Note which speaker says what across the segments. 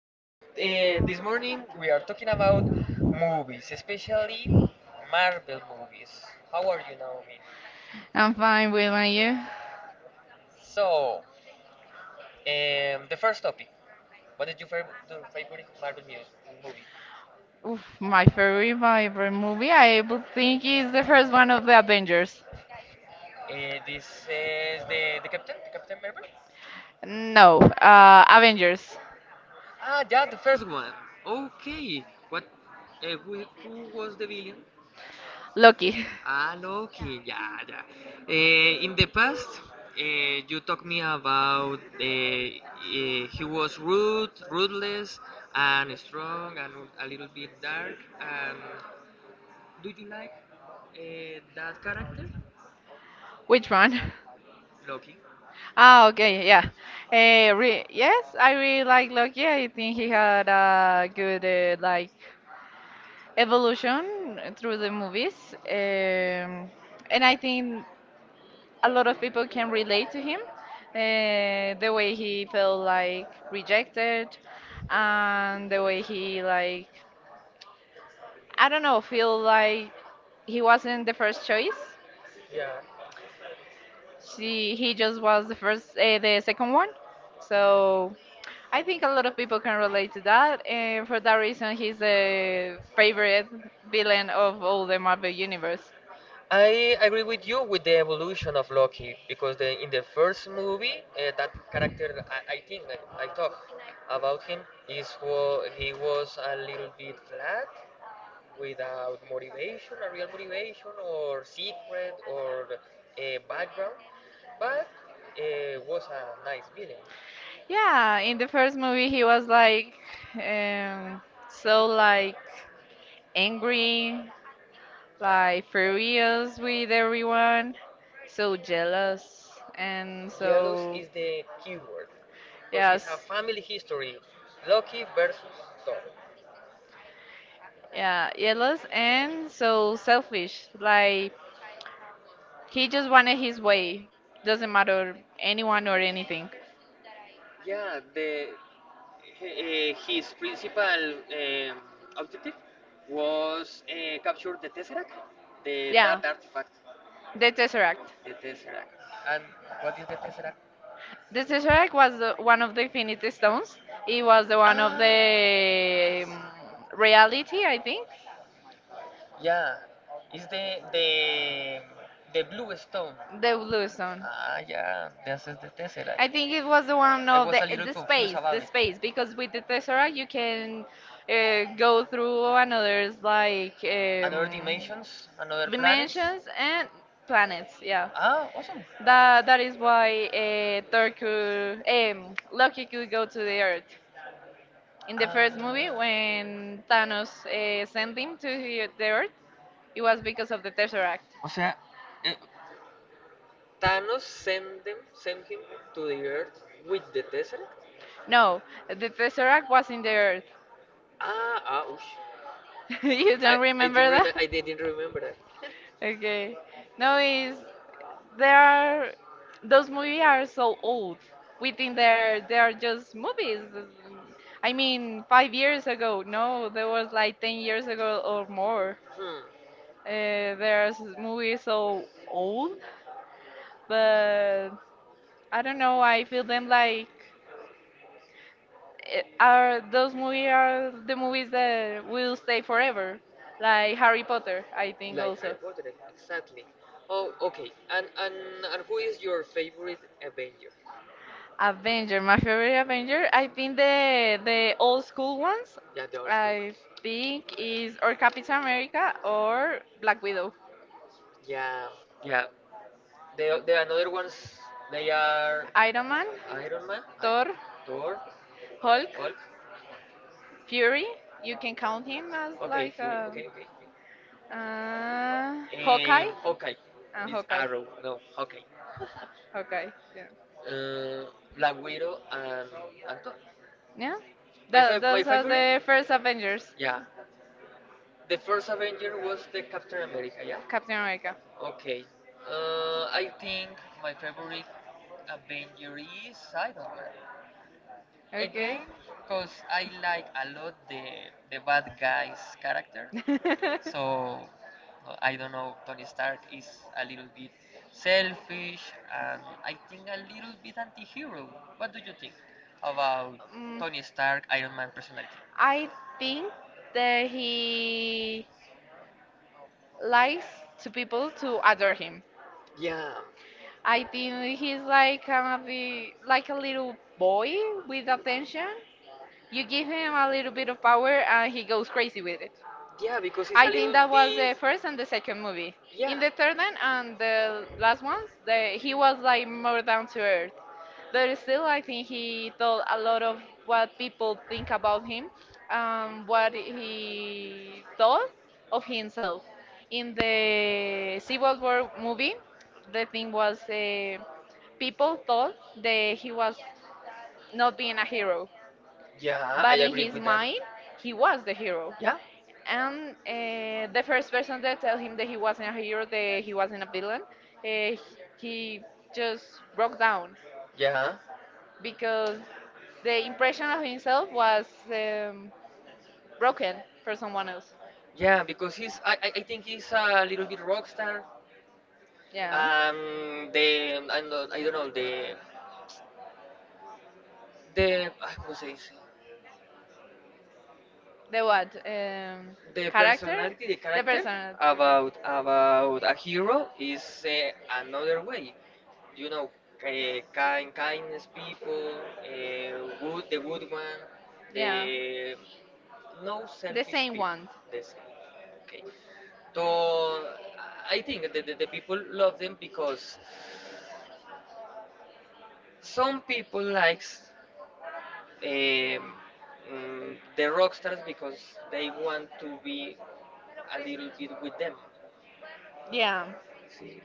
Speaker 1: and this morning we are talking about movies, especially Marvel movies. How are you, Naomi?
Speaker 2: I'm fine, Will, and you?
Speaker 1: So, the first topic, what is your favorite, favorite Marvel movie?
Speaker 2: Oof, my favorite movie, I would think, is the first one of the Avengers.
Speaker 1: This is the Captain Marvel?
Speaker 2: No, Avengers.
Speaker 1: Ah, yeah, the first one. Okay. What? Who was the villain?
Speaker 2: Loki.
Speaker 1: Ah, Loki, yeah, yeah. In the past, you talked me about he was rude, ruthless, and strong, and a little bit dark. And do you like that character,
Speaker 2: Which one?
Speaker 1: Loki?
Speaker 2: Ah, okay, yeah. Re yes, I really like Loki. I think he had a good like evolution through the movies, and I think a lot of people can relate to him. The way he felt like rejected, and the way he like I don't know, feel like he wasn't the first choice.
Speaker 1: Yeah.
Speaker 2: She he just was the first, the second one. So I think a lot of people can relate to that, and for that reason, he's the favorite villain of all the Marvel universe.
Speaker 1: I agree with you with the evolution of Loki because in the first movie, that character, I think I talk about him, is wa he was a little bit flat without motivation, a real motivation, or secret, or a background, but was a nice villain.
Speaker 2: Yeah, in the first movie, he was like um, so like angry, like furious with everyone, so jealous, and
Speaker 1: Jealous
Speaker 2: so,
Speaker 1: is the keyword because it's a
Speaker 2: yes,
Speaker 1: family history. Loki versus Thor.
Speaker 2: yeah, jealous and so selfish. Like, he just wanted his way, doesn't matter anyone or anything.
Speaker 1: Yeah, the his principal um, objective was capture the Tesseract, the
Speaker 2: Yeah,
Speaker 1: that artifact,
Speaker 2: the Tesseract.
Speaker 1: the Tesseract. And what is the Tesseract?
Speaker 2: The Tesseract was one of the Infinity Stones. It was the one of
Speaker 1: Ah,
Speaker 2: the reality, I think.
Speaker 1: yeah. It's the blue stone.
Speaker 2: The Blue Stone.
Speaker 1: Ah, yeah. This is the
Speaker 2: I
Speaker 1: tesseract.
Speaker 2: think it was the one
Speaker 1: I
Speaker 2: of
Speaker 1: was
Speaker 2: the
Speaker 1: a little
Speaker 2: the
Speaker 1: confused
Speaker 2: space, the
Speaker 1: about it.
Speaker 2: space, because with the Tesseract you can go through another's like
Speaker 1: Another dimensions, another planets.
Speaker 2: dimensions and planets. Yeah,
Speaker 1: Ah, awesome.
Speaker 2: that is why Loki could go to the Earth. In the first movie,
Speaker 1: Ah.
Speaker 2: when Thanos sent him to the Earth, it was because of the Tesseract.
Speaker 1: O sea, eh, Thanos send him to the Earth with the Tesseract. No.
Speaker 2: No, the Tesseract was in the Earth.
Speaker 1: Ah, ah, ush.
Speaker 2: You don't
Speaker 1: I
Speaker 2: remember
Speaker 1: didn't
Speaker 2: that?
Speaker 1: remember. I didn't remember that.
Speaker 2: Okay. No, it's There
Speaker 1: Because
Speaker 2: are those
Speaker 1: we
Speaker 2: movies
Speaker 1: are
Speaker 2: are
Speaker 1: so
Speaker 2: so
Speaker 1: old.
Speaker 2: old.
Speaker 1: We
Speaker 2: We
Speaker 1: mean
Speaker 2: think they're
Speaker 1: they're
Speaker 2: they're
Speaker 1: just
Speaker 2: just
Speaker 1: movies.
Speaker 2: movies.
Speaker 1: I
Speaker 2: I
Speaker 1: mean,
Speaker 2: mean,
Speaker 1: five
Speaker 2: five
Speaker 1: years
Speaker 2: years
Speaker 1: ago,
Speaker 2: ago.
Speaker 1: no,
Speaker 2: No,
Speaker 1: that
Speaker 2: there
Speaker 1: was
Speaker 2: was
Speaker 1: like
Speaker 2: like
Speaker 1: ten
Speaker 2: ten
Speaker 1: years
Speaker 2: years
Speaker 1: ago
Speaker 2: ago
Speaker 1: or
Speaker 2: or
Speaker 1: more.
Speaker 2: more.
Speaker 1: Hmm. They're
Speaker 2: There's movies
Speaker 1: movies so
Speaker 2: so
Speaker 1: old.
Speaker 2: old,
Speaker 1: The
Speaker 2: but
Speaker 1: I
Speaker 2: I don't
Speaker 1: don't know.
Speaker 2: know.
Speaker 1: I
Speaker 2: I feel
Speaker 1: feel that
Speaker 2: them
Speaker 1: like
Speaker 2: like eh,
Speaker 1: it, uh,
Speaker 2: are
Speaker 1: those
Speaker 2: those
Speaker 1: movies
Speaker 2: movies are
Speaker 1: are
Speaker 2: the
Speaker 1: the movies
Speaker 2: movies
Speaker 1: that
Speaker 2: that will
Speaker 1: will stay
Speaker 2: stay
Speaker 1: forever,
Speaker 2: forever,
Speaker 1: like
Speaker 2: like Harry
Speaker 1: Harry Potter.
Speaker 2: Potter.
Speaker 1: I
Speaker 2: I
Speaker 1: think.
Speaker 2: think
Speaker 1: Like
Speaker 2: also.
Speaker 1: Harry Potter, exactly. Oh, okay. And who is your favorite Avenger?
Speaker 2: Avenger, my favorite Avenger. I think the old school ones
Speaker 1: Yeah, the old school
Speaker 2: I
Speaker 1: ones.
Speaker 2: think is or Captain America or Black Widow.
Speaker 1: Yeah, yeah. The another ones they are
Speaker 2: Iron Man,
Speaker 1: Iron Man, Iron
Speaker 2: Thor,
Speaker 1: Thor,
Speaker 2: Hulk,
Speaker 1: Hulk.
Speaker 2: Fury. You can count him as
Speaker 1: Okay,
Speaker 2: like
Speaker 1: Fury. Okay, okay, okay.
Speaker 2: Hawkeye.
Speaker 1: Hawkeye. This
Speaker 2: Hawkeye.
Speaker 1: Arrow. No, Hawkeye.
Speaker 2: Hawkeye. Yeah.
Speaker 1: Uh, Black Widow and Thor.
Speaker 2: Yeah.
Speaker 1: My
Speaker 2: Those are
Speaker 1: favorite.
Speaker 2: the first Avengers.
Speaker 1: Yeah, the first Avenger was the Captain America. Yeah.
Speaker 2: Captain America.
Speaker 1: Okay. I think my favorite Avenger is Iron Man.
Speaker 2: Okay.
Speaker 1: Again, because I like a lot the bad guy's character. So no, I don't know. Tony Stark is a little bit selfish and I think a little bit anti-hero. What do you think about
Speaker 2: Mm,
Speaker 1: Tony Stark, Iron Man personality?
Speaker 2: I think that he likes to people to adore him.
Speaker 1: Yeah.
Speaker 2: I think he's like kind of like a little boy with attention. You give him a little bit of power and he goes crazy with it.
Speaker 1: Yeah, because it's a
Speaker 2: I think
Speaker 1: little
Speaker 2: that was
Speaker 1: bit.
Speaker 2: the first and the second movie.
Speaker 1: Yeah.
Speaker 2: In the third one and the last ones,
Speaker 1: uh,
Speaker 2: he
Speaker 1: he was
Speaker 2: was
Speaker 1: like
Speaker 2: like
Speaker 1: more
Speaker 2: more
Speaker 1: down
Speaker 2: down to
Speaker 1: to.
Speaker 2: earth.
Speaker 1: But
Speaker 2: But still,
Speaker 1: still, I
Speaker 2: I think
Speaker 1: think he
Speaker 2: he
Speaker 1: thought
Speaker 2: told
Speaker 1: a
Speaker 2: a
Speaker 1: lot
Speaker 2: lot
Speaker 1: of
Speaker 2: of
Speaker 1: what
Speaker 2: what
Speaker 1: people
Speaker 2: people
Speaker 1: think
Speaker 2: think about
Speaker 1: about him,
Speaker 2: him,
Speaker 1: what
Speaker 2: what
Speaker 1: he
Speaker 2: he
Speaker 1: thought
Speaker 2: thought
Speaker 1: of
Speaker 2: of
Speaker 1: himself.
Speaker 2: himself.
Speaker 1: In
Speaker 2: In the
Speaker 1: the Civil
Speaker 2: Civil
Speaker 1: War
Speaker 2: War
Speaker 1: movie,
Speaker 2: movie, the thing
Speaker 1: because
Speaker 2: was people
Speaker 1: people thought
Speaker 2: thought that
Speaker 1: he
Speaker 2: he
Speaker 1: was
Speaker 2: was not
Speaker 1: not
Speaker 2: being
Speaker 1: being
Speaker 2: a
Speaker 1: a hero.
Speaker 2: hero,
Speaker 1: Yeah, I
Speaker 2: but in
Speaker 1: agree
Speaker 2: his
Speaker 1: with them.
Speaker 2: mind, he
Speaker 1: He was
Speaker 2: was the
Speaker 1: the hero.
Speaker 2: hero.
Speaker 1: Yeah.
Speaker 2: And
Speaker 1: And the
Speaker 2: the
Speaker 1: first
Speaker 2: first
Speaker 1: person
Speaker 2: person
Speaker 1: that
Speaker 2: that tell
Speaker 1: told him
Speaker 2: him that
Speaker 1: that
Speaker 2: he
Speaker 1: he wasn't
Speaker 2: wasn't
Speaker 1: a
Speaker 2: a
Speaker 1: hero,
Speaker 2: hero, that
Speaker 1: that
Speaker 2: he
Speaker 1: he wasn't
Speaker 2: wasn't a
Speaker 1: a
Speaker 2: villain,
Speaker 1: villain,
Speaker 2: uh, he just broke down
Speaker 1: yeah.
Speaker 2: because the impression of himself was um, broken for someone else.
Speaker 1: Yeah, because he's I think he's a little bit rock star.
Speaker 2: Yeah.
Speaker 1: The I don't know the I. ¿cómo se dice?
Speaker 2: The what?
Speaker 1: The
Speaker 2: Character?
Speaker 1: personality, the
Speaker 2: The
Speaker 1: character
Speaker 2: person.
Speaker 1: about a hero is another way. You know, kind kindness people, uh, good the good one,
Speaker 2: Yeah.
Speaker 1: the no
Speaker 2: The
Speaker 1: selfish
Speaker 2: same
Speaker 1: people.
Speaker 2: one.
Speaker 1: This okay. So I think that the people love them because some people likes the rock stars because they want to be a little bit with them.
Speaker 2: Yeah.
Speaker 1: See,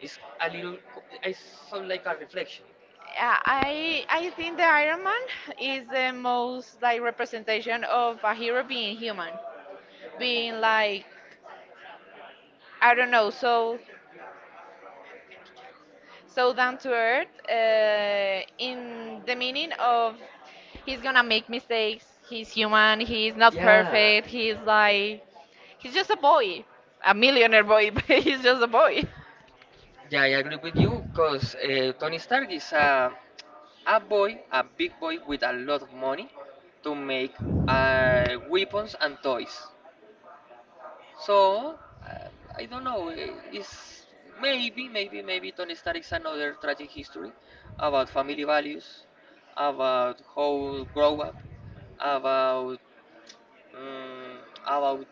Speaker 1: it's a little, it's sort of like a reflection.
Speaker 2: Yeah, I think the Iron Man is the most like representation of a hero being human, being like I don't know, so down to earth in the meaning of he's gonna make mistakes. He's human. He's not
Speaker 1: Yeah.
Speaker 2: perfect. He's like he's just a boy, a millionaire boy but he's just a boy.
Speaker 1: Yeah, I agree with you because Tony Stark is a boy, a big boy with a lot of money to make weapons and toys. So, I don't know, it's maybe Tony Stark is another tragic history about family values, about how grow up, about mm about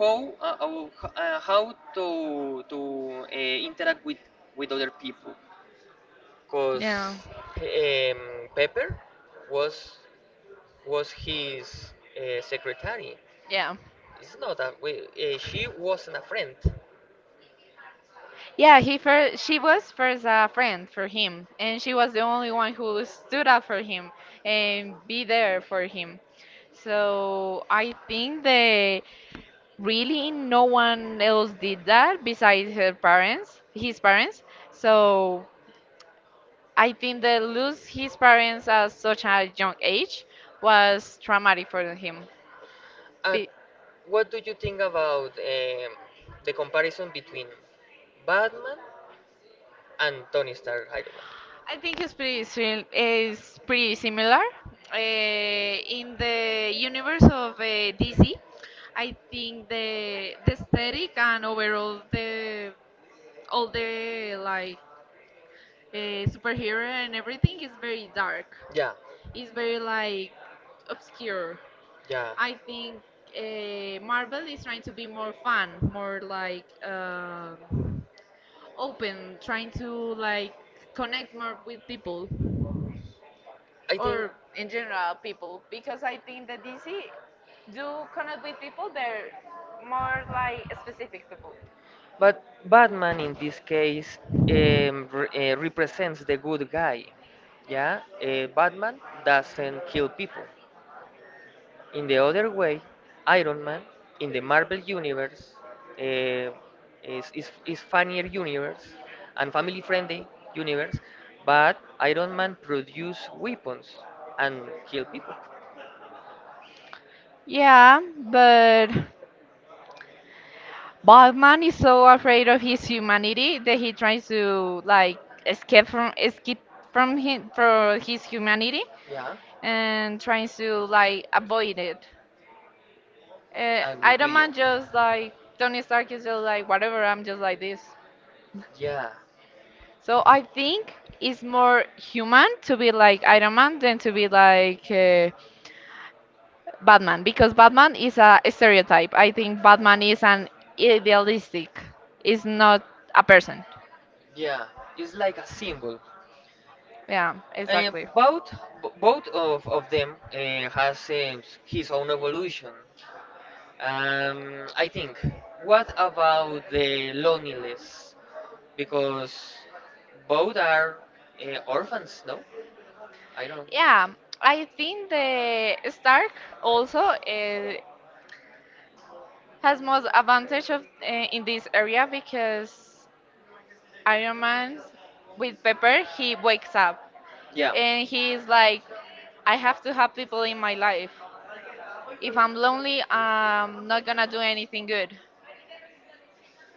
Speaker 1: how uh, how to interact with other people
Speaker 2: Yeah.
Speaker 1: because Pepper was was his secretary.
Speaker 2: Yeah,
Speaker 1: It's not that way. She wasn't a friend.
Speaker 2: yeah, he first she was first a friend for him, and she was the only one who stood up for him and be there for him. So I think the really no one else did that besides her parents his parents. So I think that lose his parents at such a young age was traumatic for him.
Speaker 1: Uh,
Speaker 2: Be-
Speaker 1: what do you think about the comparison between Batman and Tony Stark. I don't know.
Speaker 2: I think is pretty similar in the universe of DC. I think the aesthetic and overall the all the like superhero and everything is very dark,
Speaker 1: Yeah,
Speaker 2: is very like obscure.
Speaker 1: yeah,
Speaker 2: I think Marvel is trying to be more fun, more like open, trying to like connect more with people
Speaker 1: I think.
Speaker 2: or in general people because I think that DC do connect with people, they're more like specific people.
Speaker 1: But Batman in this case represents the good guy. Yeah, Batman doesn't kill people. In the other way, Iron Man in the Marvel universe eh, is funnier universe and family friendly universe, but Iron Man produce weapons and kill people.
Speaker 2: Yeah, but Batman is so afraid of his humanity that he tries to like escape from him for his humanity
Speaker 1: Yeah,
Speaker 2: and tries to like avoid it.
Speaker 1: I agree
Speaker 2: Iron
Speaker 1: with you.
Speaker 2: Man just like Tony Stark is just like whatever. I'm just like this.
Speaker 1: Yeah,
Speaker 2: So I think it's more human to be like Iron Man than to be like Batman because Batman is a stereotype. I think Batman is an idealistic. Is not a person.
Speaker 1: yeah, it's like a symbol.
Speaker 2: Yeah, exactly.
Speaker 1: Both both of them has his own evolution. I think. What about the loneliness? Because both are orphans, no? I don't.
Speaker 2: Yeah, I think the Stark also has most advantage of in this area because Iron Man with Pepper he wakes up
Speaker 1: Yeah.
Speaker 2: and he is like, I have to have people in my life. If I'm lonely, I'm not gonna do anything good.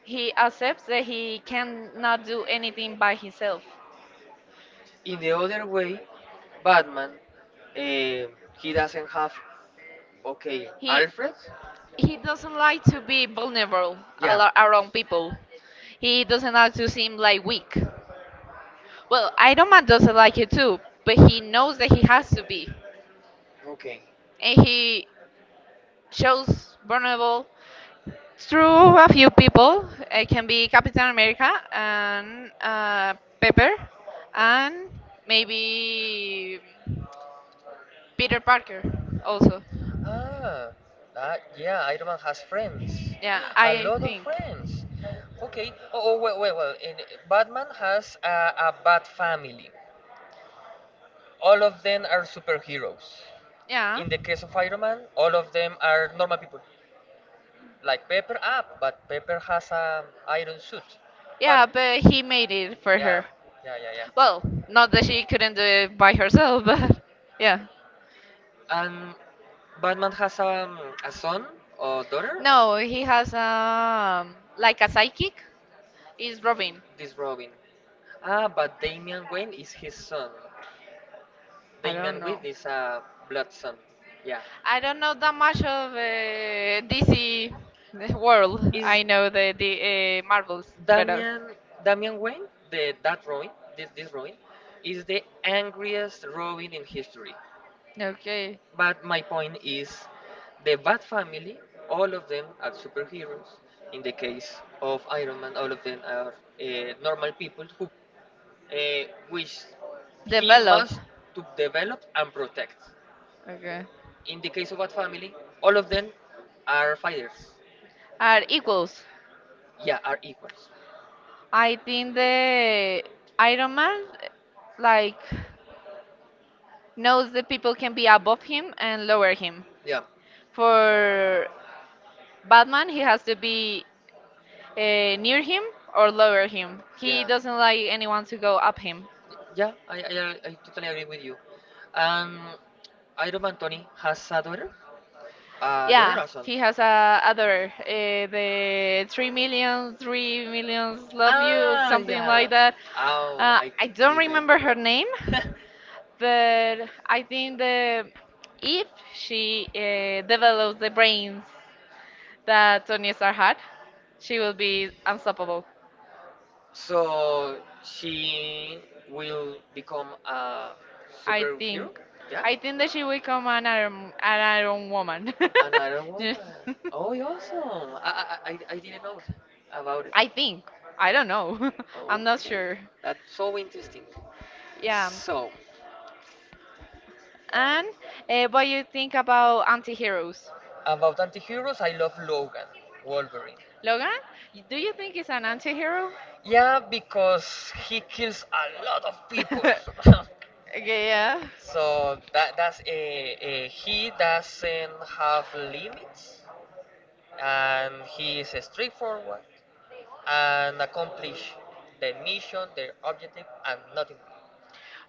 Speaker 2: He accepts that he cannot do anything by himself.
Speaker 1: In the other way, Batman, eh, he doesn't have, okay,
Speaker 2: He
Speaker 1: Alfred?
Speaker 2: Doesn't like to be vulnerable
Speaker 1: Yeah,
Speaker 2: around people. He doesn't like to seem like weak. Well, Iron Man doesn't like it too, but he knows that he has to be.
Speaker 1: okay.
Speaker 2: And he shows vulnerable through a few people. It can be Captain America and Pepper and maybe Peter Parker also.
Speaker 1: Ah, that, yeah, Iron Man has friends.
Speaker 2: Yeah,
Speaker 1: A
Speaker 2: I
Speaker 1: lot of
Speaker 2: think.
Speaker 1: friends. Okay. Oh, oh well, well, well. In, Batman has a bat family. All of them are superheroes.
Speaker 2: Yeah.
Speaker 1: In the case of Iron Man, all of them are normal people. Like Pepper, ah, but Pepper has an iron suit. But,
Speaker 2: Yeah, but he made it for
Speaker 1: yeah,
Speaker 2: her.
Speaker 1: yeah, yeah, yeah.
Speaker 2: Well, not that she couldn't do it by herself, but yeah.
Speaker 1: And Batman has a son or daughter?
Speaker 2: No, he has like a psychic. Is Robin?
Speaker 1: This Robin. Ah, but Damian Wayne is his son.
Speaker 2: I don't
Speaker 1: Damian
Speaker 2: know.
Speaker 1: Wayne is a blood son. Yeah.
Speaker 2: I don't know that much of DC world.
Speaker 1: Is
Speaker 2: I know the Marvels better.
Speaker 1: Damian Damian Wayne the that Robin? This Robin is the angriest Robin in history.
Speaker 2: Okay.
Speaker 1: But my point is the Bat family, all of them are superheroes. In the case of Iron Man, all of them are normal people who which he
Speaker 2: Develop.
Speaker 1: must to develop and protect.
Speaker 2: Okay.
Speaker 1: In the case of Bat family, all of them are fighters.
Speaker 2: Are equals.
Speaker 1: Yeah, are equals.
Speaker 2: I think the Iron Man like knows that people can be above him and lower him.
Speaker 1: Yeah.
Speaker 2: For Batman, he has to be near him or lower him. He
Speaker 1: Yeah.
Speaker 2: doesn't like anyone to go up him.
Speaker 1: Yeah, I totally agree with you. And Iron Man Tony has a daughter? A daughter
Speaker 2: Yeah,
Speaker 1: or son?
Speaker 2: he has a other the 3 million, 3 millions love you,
Speaker 1: Ah,
Speaker 2: something
Speaker 1: yeah.
Speaker 2: like that.
Speaker 1: Oh, I
Speaker 2: I don't remember
Speaker 1: remember.
Speaker 2: her name, but I think the if she develops the brains that Tony Stark had, she will be unstoppable.
Speaker 1: So she will become a
Speaker 2: I
Speaker 1: superhero?
Speaker 2: think.
Speaker 1: Yeah?
Speaker 2: I think that she will become an Iron Woman.
Speaker 1: Another
Speaker 2: Yes.
Speaker 1: woman. Oh, you're awesome. I didn't know about it.
Speaker 2: I think. I don't know. I'm not
Speaker 1: Okay.
Speaker 2: sure.
Speaker 1: That's so interesting.
Speaker 2: Yeah.
Speaker 1: So,
Speaker 2: And what you think about anti-heroes?
Speaker 1: about anti-heroes, I love Logan, Wolverine.
Speaker 2: Logan, do you think he's an anti-hero?
Speaker 1: Yeah, because he kills a lot of people.
Speaker 2: Okay, yeah.
Speaker 1: so that that's a he doesn't have limits and he is straightforward, and accomplish their mission, their objective, and nothing more.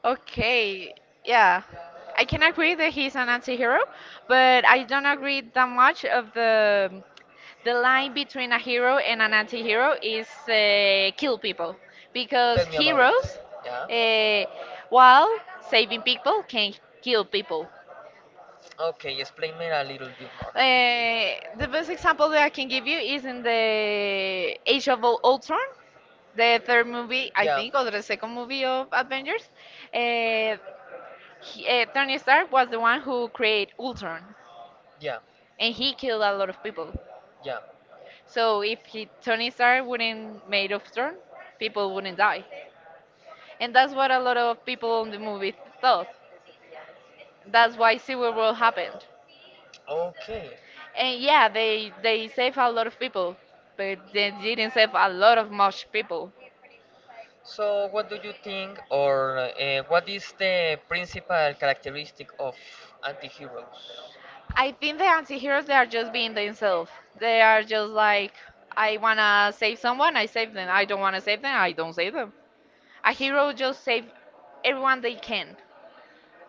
Speaker 2: Okay, yeah. I can agree that he's an anti-hero, but I don't agree that much of the line between a hero and an anti-hero is kill people because
Speaker 1: Tell me about it.
Speaker 2: heroes
Speaker 1: Yeah.
Speaker 2: uh, while saving people can kill people.
Speaker 1: Okay, explain me a little bit more.
Speaker 2: The best example that I can give you is in the Age of Ultron, the third movie, I
Speaker 1: Yeah.
Speaker 2: think, or the second movie of Avengers. Uh, Tony Stark was the one who created Ultron,
Speaker 1: Yeah.
Speaker 2: and he killed a lot of people.
Speaker 1: Yeah.
Speaker 2: So if Tony Stark wouldn't made Ultron, people wouldn't die, and that's what a lot of people in the movie thought. That's why Civil War happened.
Speaker 1: Okay.
Speaker 2: And yeah, they saved a lot of people, but they didn't save a lot of much people.
Speaker 1: So, what do you think, or what is the principal characteristic of anti-heroes?
Speaker 2: I think the anti-heroes they are just being themselves. They are just like I wanna save someone, I save them. I don't wanna save them, I don't save them. A hero just save everyone they can.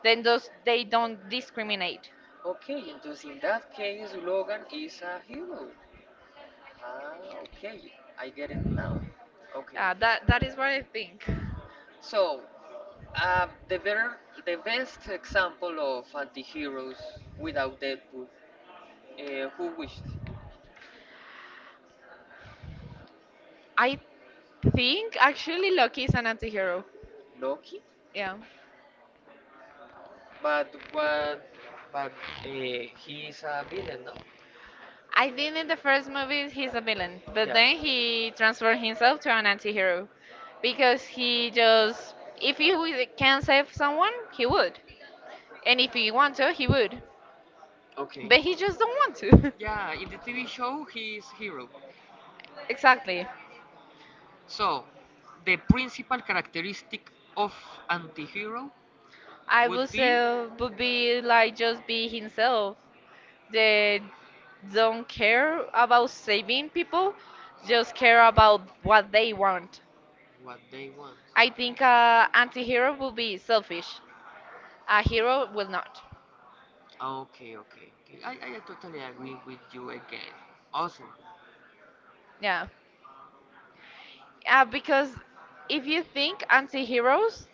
Speaker 2: Then those they don't discriminate.
Speaker 1: Okay, and in that case, Logan is a hero. Ah, okay, I get it now. Okay.
Speaker 2: Yeah, that is what I think.
Speaker 1: So, uh, the better, the best example of anti-heroes without Deadpool, who wished
Speaker 2: I think actually Loki is an anti-hero.
Speaker 1: Loki,
Speaker 2: Yeah.
Speaker 1: but what, but uh, he is a villain, no?
Speaker 2: I think in the first movie he's a villain, but
Speaker 1: Yeah.
Speaker 2: then he transformed himself to an anti-hero because he just if he wi- can save someone, he would. And if he want to, he would.
Speaker 1: Okay.
Speaker 2: But he just don't want to.
Speaker 1: Yeah, in the TV show, he is hero.
Speaker 2: Exactly.
Speaker 1: So, the principal characteristic of antihero
Speaker 2: I would
Speaker 1: would be
Speaker 2: say would be like just be himself. They don't care about saving people, just care about what they want.
Speaker 1: what they want.
Speaker 2: I think a anti-hero will be selfish. A hero will not.
Speaker 1: Okay, okay, okay. I totally agree with you again. Awesome.
Speaker 2: Yeah. Because if you think anti-heroes,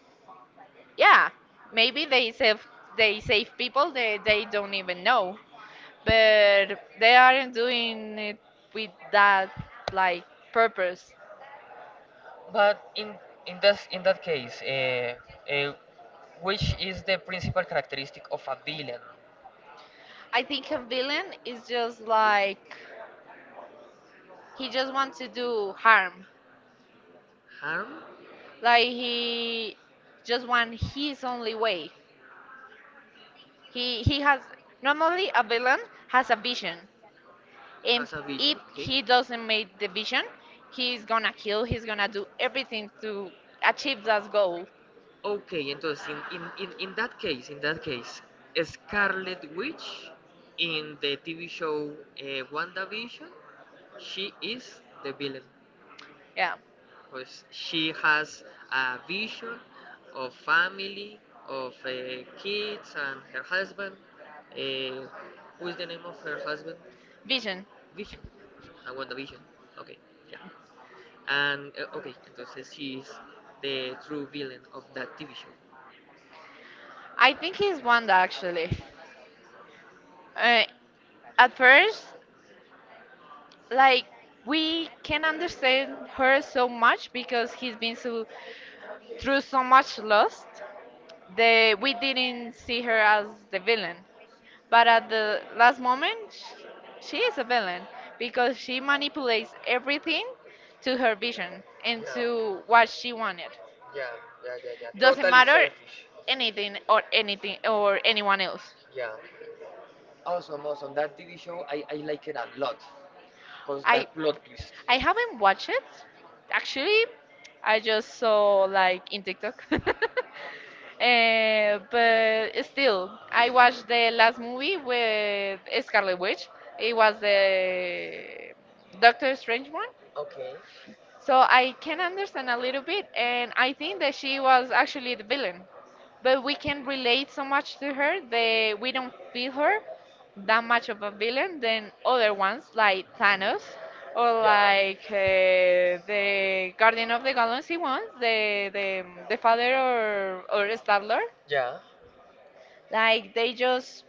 Speaker 2: yeah, maybe they save people they don't even know. But they aren't doing it with that like purpose.
Speaker 1: But in this in that case, uh, which is the principal characteristic of a villain?
Speaker 2: I think a villain is just like he
Speaker 1: He just
Speaker 2: just
Speaker 1: want
Speaker 2: wants to
Speaker 1: to do
Speaker 2: do
Speaker 1: harm.
Speaker 2: harm.
Speaker 1: Harm? Like he
Speaker 2: Like he
Speaker 1: just
Speaker 2: just
Speaker 1: want
Speaker 2: want
Speaker 1: his
Speaker 2: his
Speaker 1: only
Speaker 2: only
Speaker 1: way.
Speaker 2: way. he
Speaker 1: He
Speaker 2: he
Speaker 1: has,
Speaker 2: has, normally a villain has
Speaker 1: no, a
Speaker 2: a
Speaker 1: vision.
Speaker 2: vision,
Speaker 1: If
Speaker 2: and
Speaker 1: Has a vision?
Speaker 2: if
Speaker 1: Okay. He
Speaker 2: he
Speaker 1: takes the
Speaker 2: doesn't make the
Speaker 1: vision,
Speaker 2: vision,
Speaker 1: he's
Speaker 2: he's gonna
Speaker 1: gonna
Speaker 2: kill, he's gonna
Speaker 1: do
Speaker 2: do
Speaker 1: everything.
Speaker 2: everything to achieve that goal.
Speaker 1: Okay, entonces, in that case, Scarlet Witch in the TV show WandaVision, she is the villain.
Speaker 2: Yeah.
Speaker 1: Because she has a vision of family, of kids, and her husband. Uh, who is the name of her husband?
Speaker 2: Vision.
Speaker 1: Vision. I want the vision. Okay, yeah. And okay, entonces she is the true villain of that TV show.
Speaker 2: I think he's Wanda actually. uh, at first like we can understand her so much because he's been so through so much loss the We didn't see her as the villain, but at the last moment, she is a villain because she manipulates everything to her vision and
Speaker 1: Yeah,
Speaker 2: to what she wanted.
Speaker 1: yeah, yeah.
Speaker 2: Doesn't
Speaker 1: Totally
Speaker 2: matter
Speaker 1: selfish.
Speaker 2: anything or anyone else.
Speaker 1: Yeah. Awesome, awesome. That TV show, I like it a lot. Because
Speaker 2: i
Speaker 1: that plot twist.
Speaker 2: i haven't watched it actually. I just saw like in TikTok. But still, I watched the last movie with Scarlet Witch. It was the Doctor Strange one.
Speaker 1: Okay.
Speaker 2: So I can understand a little bit, and I think that she was actually the villain. But we can relate so much to her that we don't feel her that much of a villain than other ones like Thanos or
Speaker 1: Yeah.
Speaker 2: like the Guardian of the Galaxy ones, the father or Star Lord. Like they just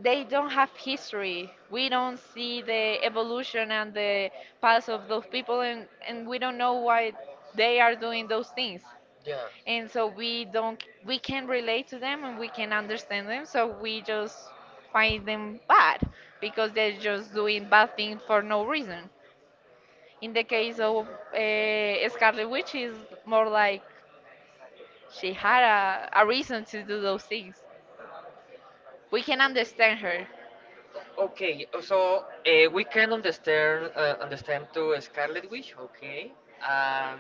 Speaker 2: they don't have history. We don't see the evolution and the past of those people, and we don't know why they are doing those things.
Speaker 1: Yeah. Yeah.
Speaker 2: And so we don't, we can relate to them and we can understand them. So we just find them bad because they're just doing bad things for no reason. In the case of Scarlet Witch, is more like she had a reason to do those things. We can
Speaker 1: Thank
Speaker 2: understand her.
Speaker 1: you. Okay, we can understand understand to Scarlet Witch, okay. Um,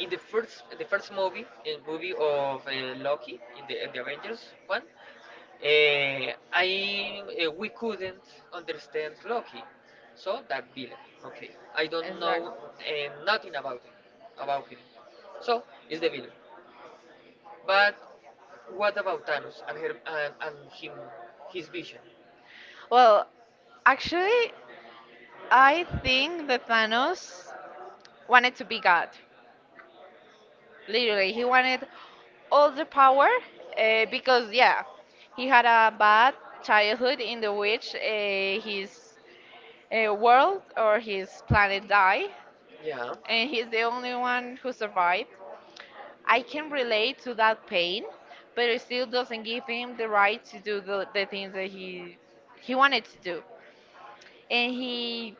Speaker 1: in the first movie, in movie of Loki in the Avengers one, uh, I we couldn't understand Loki, so that villain, okay. I don't know
Speaker 2: Exactly.
Speaker 1: nothing about him, about him. So it's the villain. But what about Thanos and her and him his vision?
Speaker 2: Well, actually, I
Speaker 1: I think
Speaker 2: think
Speaker 1: the
Speaker 2: that Thanos
Speaker 1: Thanos wanted
Speaker 2: wanted to
Speaker 1: to be
Speaker 2: be
Speaker 1: God.
Speaker 2: God.
Speaker 1: He's
Speaker 2: Literally, he wanted all the power because, yeah, he had a bad childhood in the which his world or his planet
Speaker 1: gonna die.
Speaker 2: died,
Speaker 1: Yeah. And
Speaker 2: and
Speaker 1: he
Speaker 2: he's the only
Speaker 1: wants
Speaker 2: one
Speaker 1: to
Speaker 2: who
Speaker 1: survive.
Speaker 2: survived.
Speaker 1: I
Speaker 2: I
Speaker 1: can
Speaker 2: can
Speaker 1: relate
Speaker 2: relate
Speaker 1: to
Speaker 2: to that
Speaker 1: it.
Speaker 2: pain, but it still doesn't give him the right to
Speaker 1: When I give
Speaker 2: do
Speaker 1: it
Speaker 2: the things that
Speaker 1: to
Speaker 2: he
Speaker 1: the
Speaker 2: wanted to do.
Speaker 1: and
Speaker 2: And
Speaker 1: he
Speaker 2: he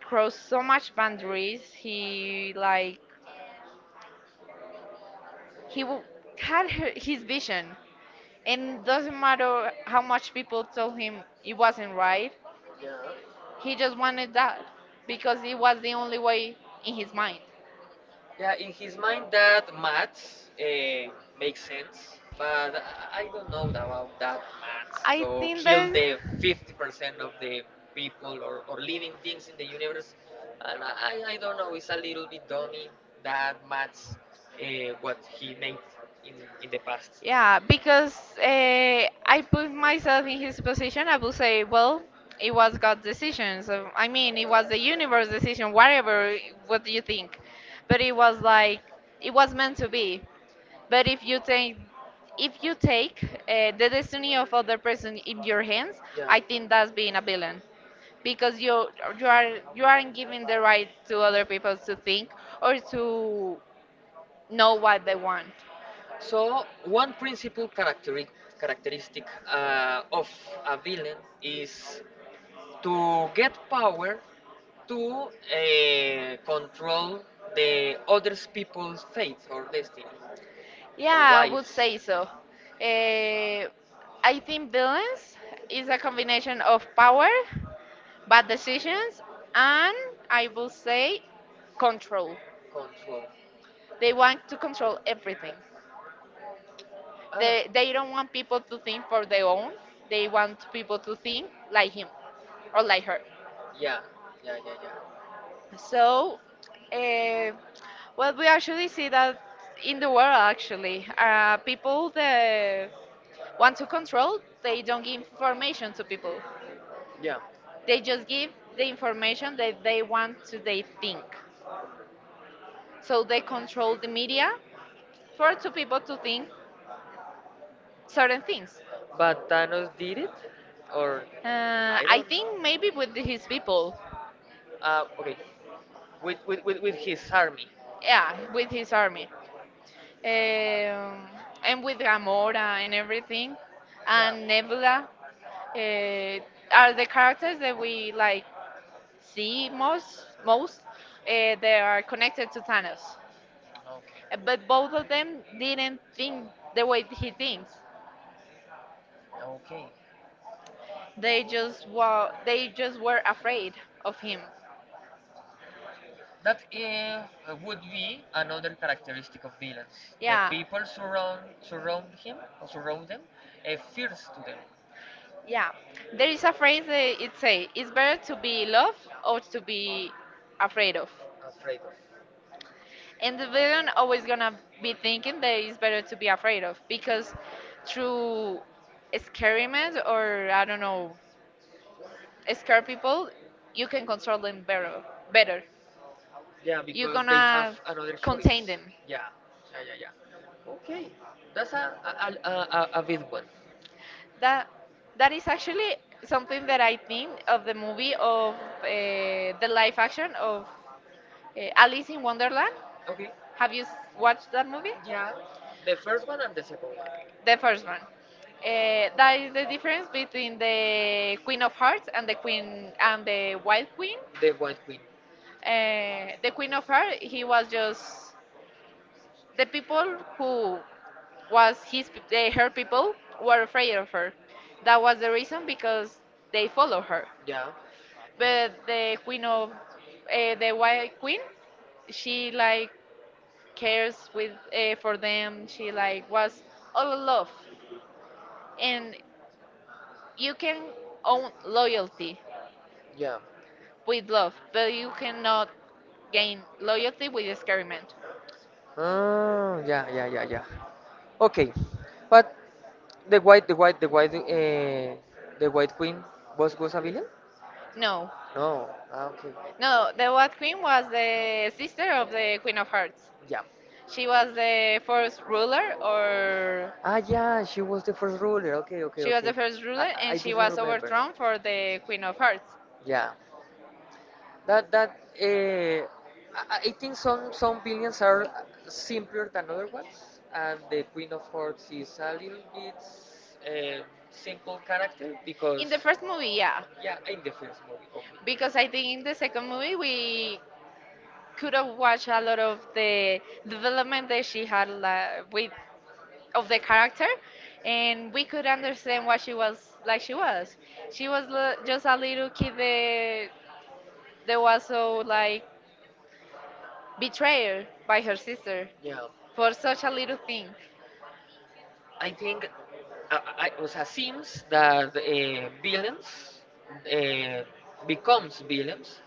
Speaker 2: crossed
Speaker 1: crossed so
Speaker 2: so
Speaker 1: much
Speaker 2: much
Speaker 1: boundaries.
Speaker 2: boundaries.
Speaker 1: He
Speaker 2: He
Speaker 1: like
Speaker 2: like he w- had her,
Speaker 1: His
Speaker 2: his
Speaker 1: vision,
Speaker 2: vision,
Speaker 1: and it
Speaker 2: and doesn't
Speaker 1: doesn't matter
Speaker 2: matter how
Speaker 1: how much
Speaker 2: much
Speaker 1: people
Speaker 2: people
Speaker 1: tell
Speaker 2: told
Speaker 1: him
Speaker 2: him it
Speaker 1: he
Speaker 2: wasn't
Speaker 1: wasn't right.
Speaker 2: right.
Speaker 1: Yeah.
Speaker 2: He
Speaker 1: He just
Speaker 2: just
Speaker 1: wanted
Speaker 2: wanted
Speaker 1: that
Speaker 2: that
Speaker 1: because
Speaker 2: because it
Speaker 1: it was
Speaker 2: was the
Speaker 1: the
Speaker 2: only
Speaker 1: only way
Speaker 2: way in
Speaker 1: in his
Speaker 2: his
Speaker 1: mind.
Speaker 2: mind.
Speaker 1: Yeah, in his mind, that maths makes sense, but I don't know about that maths.
Speaker 2: I
Speaker 1: So
Speaker 2: think
Speaker 1: kill
Speaker 2: that
Speaker 1: the 50% of the people or living things in the universe, and I don't know. It's a little bit dummy that maths what he made in in the past.
Speaker 2: Yeah, because I put myself in his position, I would say, well, it was God's decision. So, I mean, it was the universe decision, whatever, what do you think? But it was like, it was meant to be. But if you take the destiny of other person in your hands,
Speaker 1: Yeah.
Speaker 2: I think that's being a villain because you aren't giving the right to other people to think or to know what they want.
Speaker 1: So one characteristic of a villain is to get power to control the other people's fate or destiny or
Speaker 2: Yeah, I would
Speaker 1: lives.
Speaker 2: say so. Uh, I think balance is a combination of power, bad decisions, and I will say control.
Speaker 1: Control.
Speaker 2: They want to control everything. They
Speaker 1: Oh,
Speaker 2: don't want people to think for their own. They want people to think like him or like her.
Speaker 1: yeah, yeah, yeah, yeah. So,
Speaker 2: So, uh, well,
Speaker 1: what we
Speaker 2: we actually
Speaker 1: actually
Speaker 2: see
Speaker 1: see that
Speaker 2: that
Speaker 1: in
Speaker 2: in the
Speaker 1: the
Speaker 2: world,
Speaker 1: world actually
Speaker 2: actually.
Speaker 1: people
Speaker 2: People that
Speaker 1: want
Speaker 2: want
Speaker 1: to
Speaker 2: to
Speaker 1: control.
Speaker 2: control,
Speaker 1: They
Speaker 2: they don't
Speaker 1: don't
Speaker 2: give
Speaker 1: give information
Speaker 2: information to
Speaker 1: to
Speaker 2: people.
Speaker 1: people. Yeah.
Speaker 2: They
Speaker 1: They just
Speaker 2: just
Speaker 1: give
Speaker 2: give the
Speaker 1: the information
Speaker 2: information
Speaker 1: that
Speaker 2: that
Speaker 1: they
Speaker 2: they
Speaker 1: want
Speaker 2: want
Speaker 1: to
Speaker 2: to they
Speaker 1: they think.
Speaker 2: think.
Speaker 1: So they
Speaker 2: So
Speaker 1: control
Speaker 2: they control the media for
Speaker 1: force
Speaker 2: two
Speaker 1: the people
Speaker 2: people
Speaker 1: to
Speaker 2: to think
Speaker 1: think certain
Speaker 2: certain things.
Speaker 1: things. But Thanos did it? Or Uh, I I
Speaker 2: I
Speaker 1: don't
Speaker 2: think
Speaker 1: think know.
Speaker 2: maybe with his people,
Speaker 1: Okay, with his army.
Speaker 2: yeah, with his army, um, and with Gamora and everything,
Speaker 1: Yeah.
Speaker 2: and Nebula uh, are the characters that we like see most. Most they are connected to Thanos. But both of them didn't think the way he thinks.
Speaker 1: Okay. Okay.
Speaker 2: They just were afraid of him.
Speaker 1: That would be another characteristic of villains. The
Speaker 2: Yeah,
Speaker 1: people surround him or surround them, fears to them.
Speaker 2: yeah. There is a phrase that it say, "It's better to be loved or to be afraid of."
Speaker 1: Afraid of.
Speaker 2: And the villain always gonna be thinking that it's better to be afraid of because through experiments or I don't know scare people, you can control them better. Better.
Speaker 1: Yeah,
Speaker 2: You're
Speaker 1: because they have
Speaker 2: gonna
Speaker 1: another
Speaker 2: contain
Speaker 1: choice.
Speaker 2: them.
Speaker 1: Yeah, yeah, yeah, yeah. Okay, that's a big one.
Speaker 2: That that is actually something that I think of the movie of the live action of Alice in Wonderland.
Speaker 1: Okay.
Speaker 2: Have you watched that movie?
Speaker 1: Yeah, the first one and the second one.
Speaker 2: The first one. That is the difference between the Queen of Hearts and the Queen and the Wild Queen.
Speaker 1: The White Queen.
Speaker 2: The Queen of Hearts, he was just the people who
Speaker 1: Was
Speaker 2: was
Speaker 1: his
Speaker 2: his
Speaker 1: her
Speaker 2: her
Speaker 1: people
Speaker 2: people were
Speaker 1: were
Speaker 2: afraid of her. That was the reason because they
Speaker 1: they follow
Speaker 2: follow
Speaker 1: her.
Speaker 2: her.
Speaker 1: Yeah.
Speaker 2: But the
Speaker 1: We
Speaker 2: queen
Speaker 1: know
Speaker 2: of
Speaker 1: the
Speaker 2: the white
Speaker 1: white
Speaker 2: queen,
Speaker 1: She
Speaker 2: she
Speaker 1: like
Speaker 2: like
Speaker 1: cares
Speaker 2: cares with for them.
Speaker 1: and she
Speaker 2: She
Speaker 1: like
Speaker 2: like
Speaker 1: was
Speaker 2: was
Speaker 1: all
Speaker 2: all love,
Speaker 1: alone.
Speaker 2: and
Speaker 1: You
Speaker 2: you can
Speaker 1: can
Speaker 2: own loyalty
Speaker 1: Yeah.
Speaker 2: with
Speaker 1: but
Speaker 2: love, but you
Speaker 1: cannot
Speaker 2: cannot
Speaker 1: gain
Speaker 2: gain
Speaker 1: love
Speaker 2: loyalty
Speaker 1: with
Speaker 2: with
Speaker 1: this
Speaker 2: experiment.
Speaker 1: girl. Ah, yeah, yeah, yeah, yeah. Okay, but the white, the white queen was a villain?
Speaker 2: No,
Speaker 1: No. Ah, okay.
Speaker 2: no, the white queen was the sister of the queen of hearts.
Speaker 1: Yeah.
Speaker 2: She was the first ruler, or
Speaker 1: Ah, yeah, she was the first ruler. Okay, okay,
Speaker 2: she was
Speaker 1: okay.
Speaker 2: the first
Speaker 1: I,
Speaker 2: ruler,
Speaker 1: I I
Speaker 2: and she
Speaker 1: didn't
Speaker 2: was
Speaker 1: remember.
Speaker 2: overthrown for the Queen of Hearts.
Speaker 1: Yeah. That I think some villains are simpler than other ones, and the Queen of Hearts is a little bit um, simple character
Speaker 2: In
Speaker 1: because
Speaker 2: the first movie, yeah,
Speaker 1: yeah, in the first movie, okay.
Speaker 2: because I think in the second movie we could have watched a lot of the development that she had like, with of the character, and we could understand why she was like she was. She was just a little kid that was so like betrayed by her sister
Speaker 1: Yeah.
Speaker 2: for such a little thing.
Speaker 1: I think I, o sea, seems that villains uh, becomes villains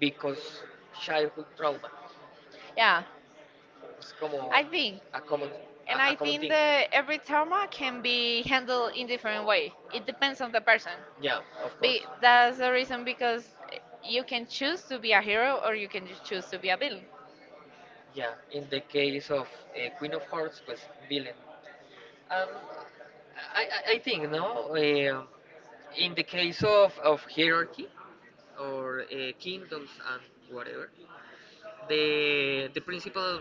Speaker 1: because childhood trauma.
Speaker 2: Yeah,
Speaker 1: It's como
Speaker 2: I think.
Speaker 1: a common
Speaker 2: And
Speaker 1: a
Speaker 2: I
Speaker 1: common
Speaker 2: think
Speaker 1: thing.
Speaker 2: that every trauma can be handled in different way. It depends on the person.
Speaker 1: Yeah, of course.
Speaker 2: Be, that's the reason because you can choose to be a hero or you can just choose to be a villain.
Speaker 1: Yeah, in the case of Queen of Hearts, pues villain. Um, I think no. In the case of hierarchy or kingdoms and whatever, the principal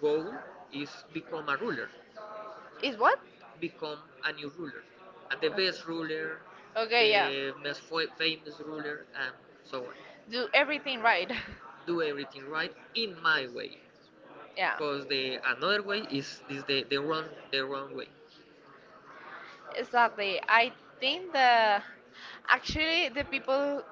Speaker 1: goal is become a ruler
Speaker 2: Is what?
Speaker 1: become a new ruler, the
Speaker 2: Okay.
Speaker 1: best ruler,
Speaker 2: Okay, yeah.
Speaker 1: the most famous ruler, and so on.
Speaker 2: Do everything right.
Speaker 1: Do everything right in my way,
Speaker 2: Yeah,
Speaker 1: because the another way is the wrong the wrong way.
Speaker 2: exactly. I think the actually the people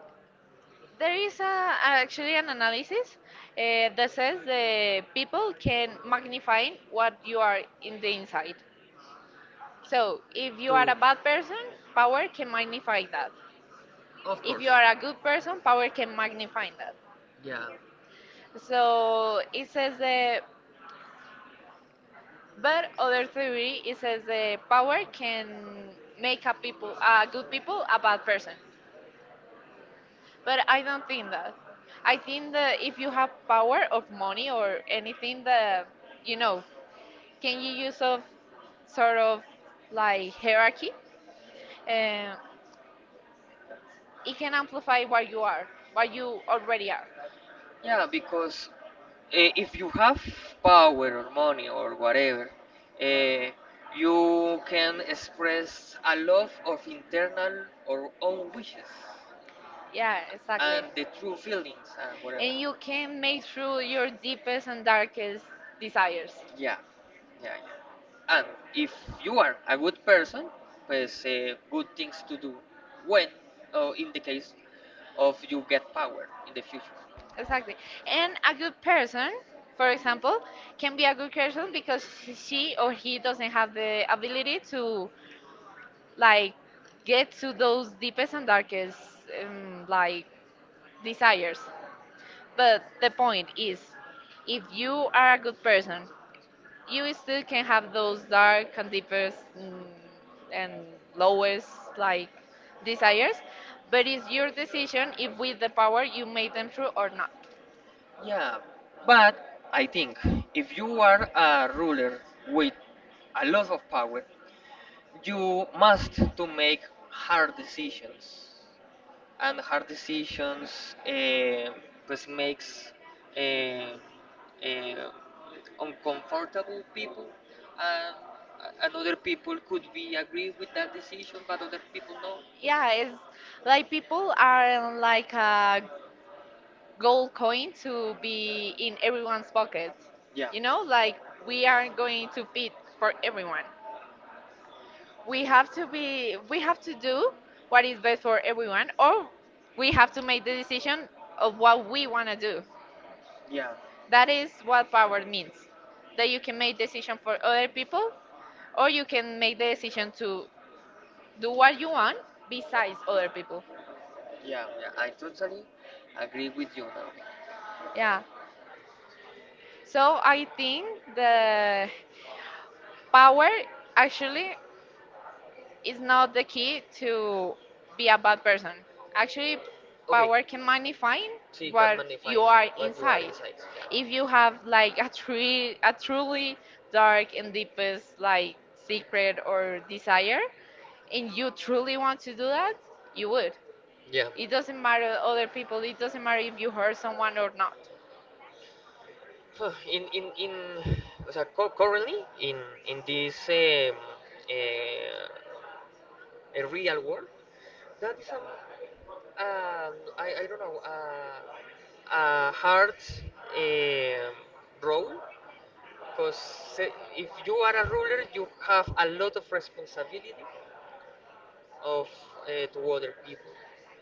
Speaker 2: there
Speaker 1: There is
Speaker 2: is a,
Speaker 1: actually
Speaker 2: actually
Speaker 1: an
Speaker 2: an
Speaker 1: analysis
Speaker 2: analysis that
Speaker 1: that says
Speaker 2: says the
Speaker 1: people
Speaker 2: people
Speaker 1: can
Speaker 2: can
Speaker 1: magnify
Speaker 2: magnify
Speaker 1: what
Speaker 2: what
Speaker 1: you
Speaker 2: you
Speaker 1: are
Speaker 2: are
Speaker 1: in the
Speaker 2: in the inside.
Speaker 1: inside. So if you
Speaker 2: So, if you
Speaker 1: are
Speaker 2: are a
Speaker 1: To, a bad
Speaker 2: bad person,
Speaker 1: person, power
Speaker 2: power
Speaker 1: can
Speaker 2: can
Speaker 1: magnify
Speaker 2: magnify
Speaker 1: that.
Speaker 2: that.
Speaker 1: Of If
Speaker 2: If
Speaker 1: course,
Speaker 2: you
Speaker 1: you are
Speaker 2: are
Speaker 1: a
Speaker 2: a good
Speaker 1: good person,
Speaker 2: person,
Speaker 1: power
Speaker 2: power
Speaker 1: can
Speaker 2: can
Speaker 1: magnify
Speaker 2: magnify that.
Speaker 1: that. Yeah, So
Speaker 2: So,
Speaker 1: it
Speaker 2: it
Speaker 1: says
Speaker 2: says the
Speaker 1: the the
Speaker 2: but
Speaker 1: other
Speaker 2: other
Speaker 1: theory
Speaker 2: theory it
Speaker 1: it says
Speaker 2: says
Speaker 1: the
Speaker 2: the
Speaker 1: power
Speaker 2: power
Speaker 1: can
Speaker 2: can
Speaker 1: make
Speaker 2: make a
Speaker 1: a people
Speaker 2: people
Speaker 1: a
Speaker 2: a
Speaker 1: good
Speaker 2: good
Speaker 1: people
Speaker 2: people
Speaker 1: a
Speaker 2: a
Speaker 1: bad
Speaker 2: bad
Speaker 1: person.
Speaker 2: person.
Speaker 1: But
Speaker 2: But
Speaker 1: I
Speaker 2: I
Speaker 1: don't
Speaker 2: don't
Speaker 1: think
Speaker 2: think
Speaker 1: that.
Speaker 2: that.
Speaker 1: I
Speaker 2: I
Speaker 1: think
Speaker 2: think
Speaker 1: that
Speaker 2: that
Speaker 1: if
Speaker 2: if you
Speaker 1: you have
Speaker 2: have power of money or anything that you know, can you use of sort of like hierarchy? Uh, it can amplify what you already are.
Speaker 1: Yeah, because if you have power or money or whatever, eh, you can express a lot of internal or own wishes.
Speaker 2: Yeah, exactly.
Speaker 1: And the true feelings and whatever.
Speaker 2: And you can make through your deepest and darkest desires.
Speaker 1: Yeah, yeah, yeah. And if you are a good person, pues good things to do when, or in the case of you get power in the future.
Speaker 2: Exactly. And a good person, for example, can be a good person because she or he doesn't have the ability to like get to those deepest and darkest like desires. But the point is, if you are a good person you still can have those dark and deepest and lowest like desires but it's your decision if with the power you made them true or not.
Speaker 1: Yeah, but I think if you are a ruler with a lot of power, you must to make hard decisions and hard decisions pues makes eh, eh, uncomfortable people and and other people could be agree with that decision but other people no
Speaker 2: Yeah, it's like people are like a gold coin to be in everyone's pocket,
Speaker 1: yeah
Speaker 2: you know, like we are going to fit for everyone. We have to do what is best for everyone or we have to make the decision of what we want to do.
Speaker 1: yeah.
Speaker 2: That is what power means. That you can make decision for other people or you can make the decision to do what you want besides other people.
Speaker 1: Yeah, yeah, So, I totally agree with you now.
Speaker 2: Yeah. So I think the power actually is not the key to be a bad person. Actually,
Speaker 1: Okay,
Speaker 2: power can magnify
Speaker 1: so you can
Speaker 2: what
Speaker 1: magnify
Speaker 2: you are
Speaker 1: what you are
Speaker 2: inside.
Speaker 1: inside. Yeah.
Speaker 2: If you have like a truly dark and deepest like secret or desire, and you truly want to do that, you would.
Speaker 1: Yeah.
Speaker 2: It doesn't matter other people. It doesn't matter if you hurt someone or not.
Speaker 1: In So currently in in this uh, a real world, that is a I don't know. A hard um, role, because if you are a ruler, you have a lot of responsibility of to other people,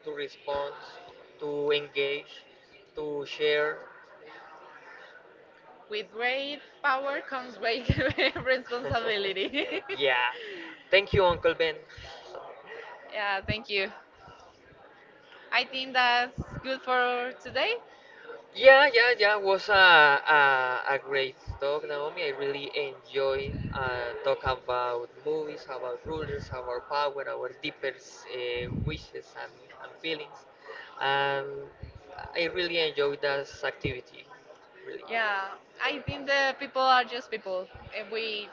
Speaker 1: to respond, to engage, to share.
Speaker 2: With great power comes great responsibility.
Speaker 1: yeah. Thank you, Uncle Ben.
Speaker 2: Yeah, thank you. I think that's good for today.
Speaker 1: Yeah, yeah, yeah. Was a great talk, Naomi. I really enjoy talk about movies, about rulers, our power, our deepest wishes and feelings. Um, I really enjoy that activity. Really.
Speaker 2: Yeah, I think the people are just people, and we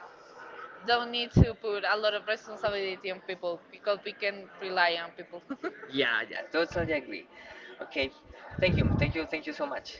Speaker 2: don't need to put a lot of responsibility on people because we can rely on people.
Speaker 1: Yeah, yeah, totally agree. Okay, thank you, thank you, thank you so much.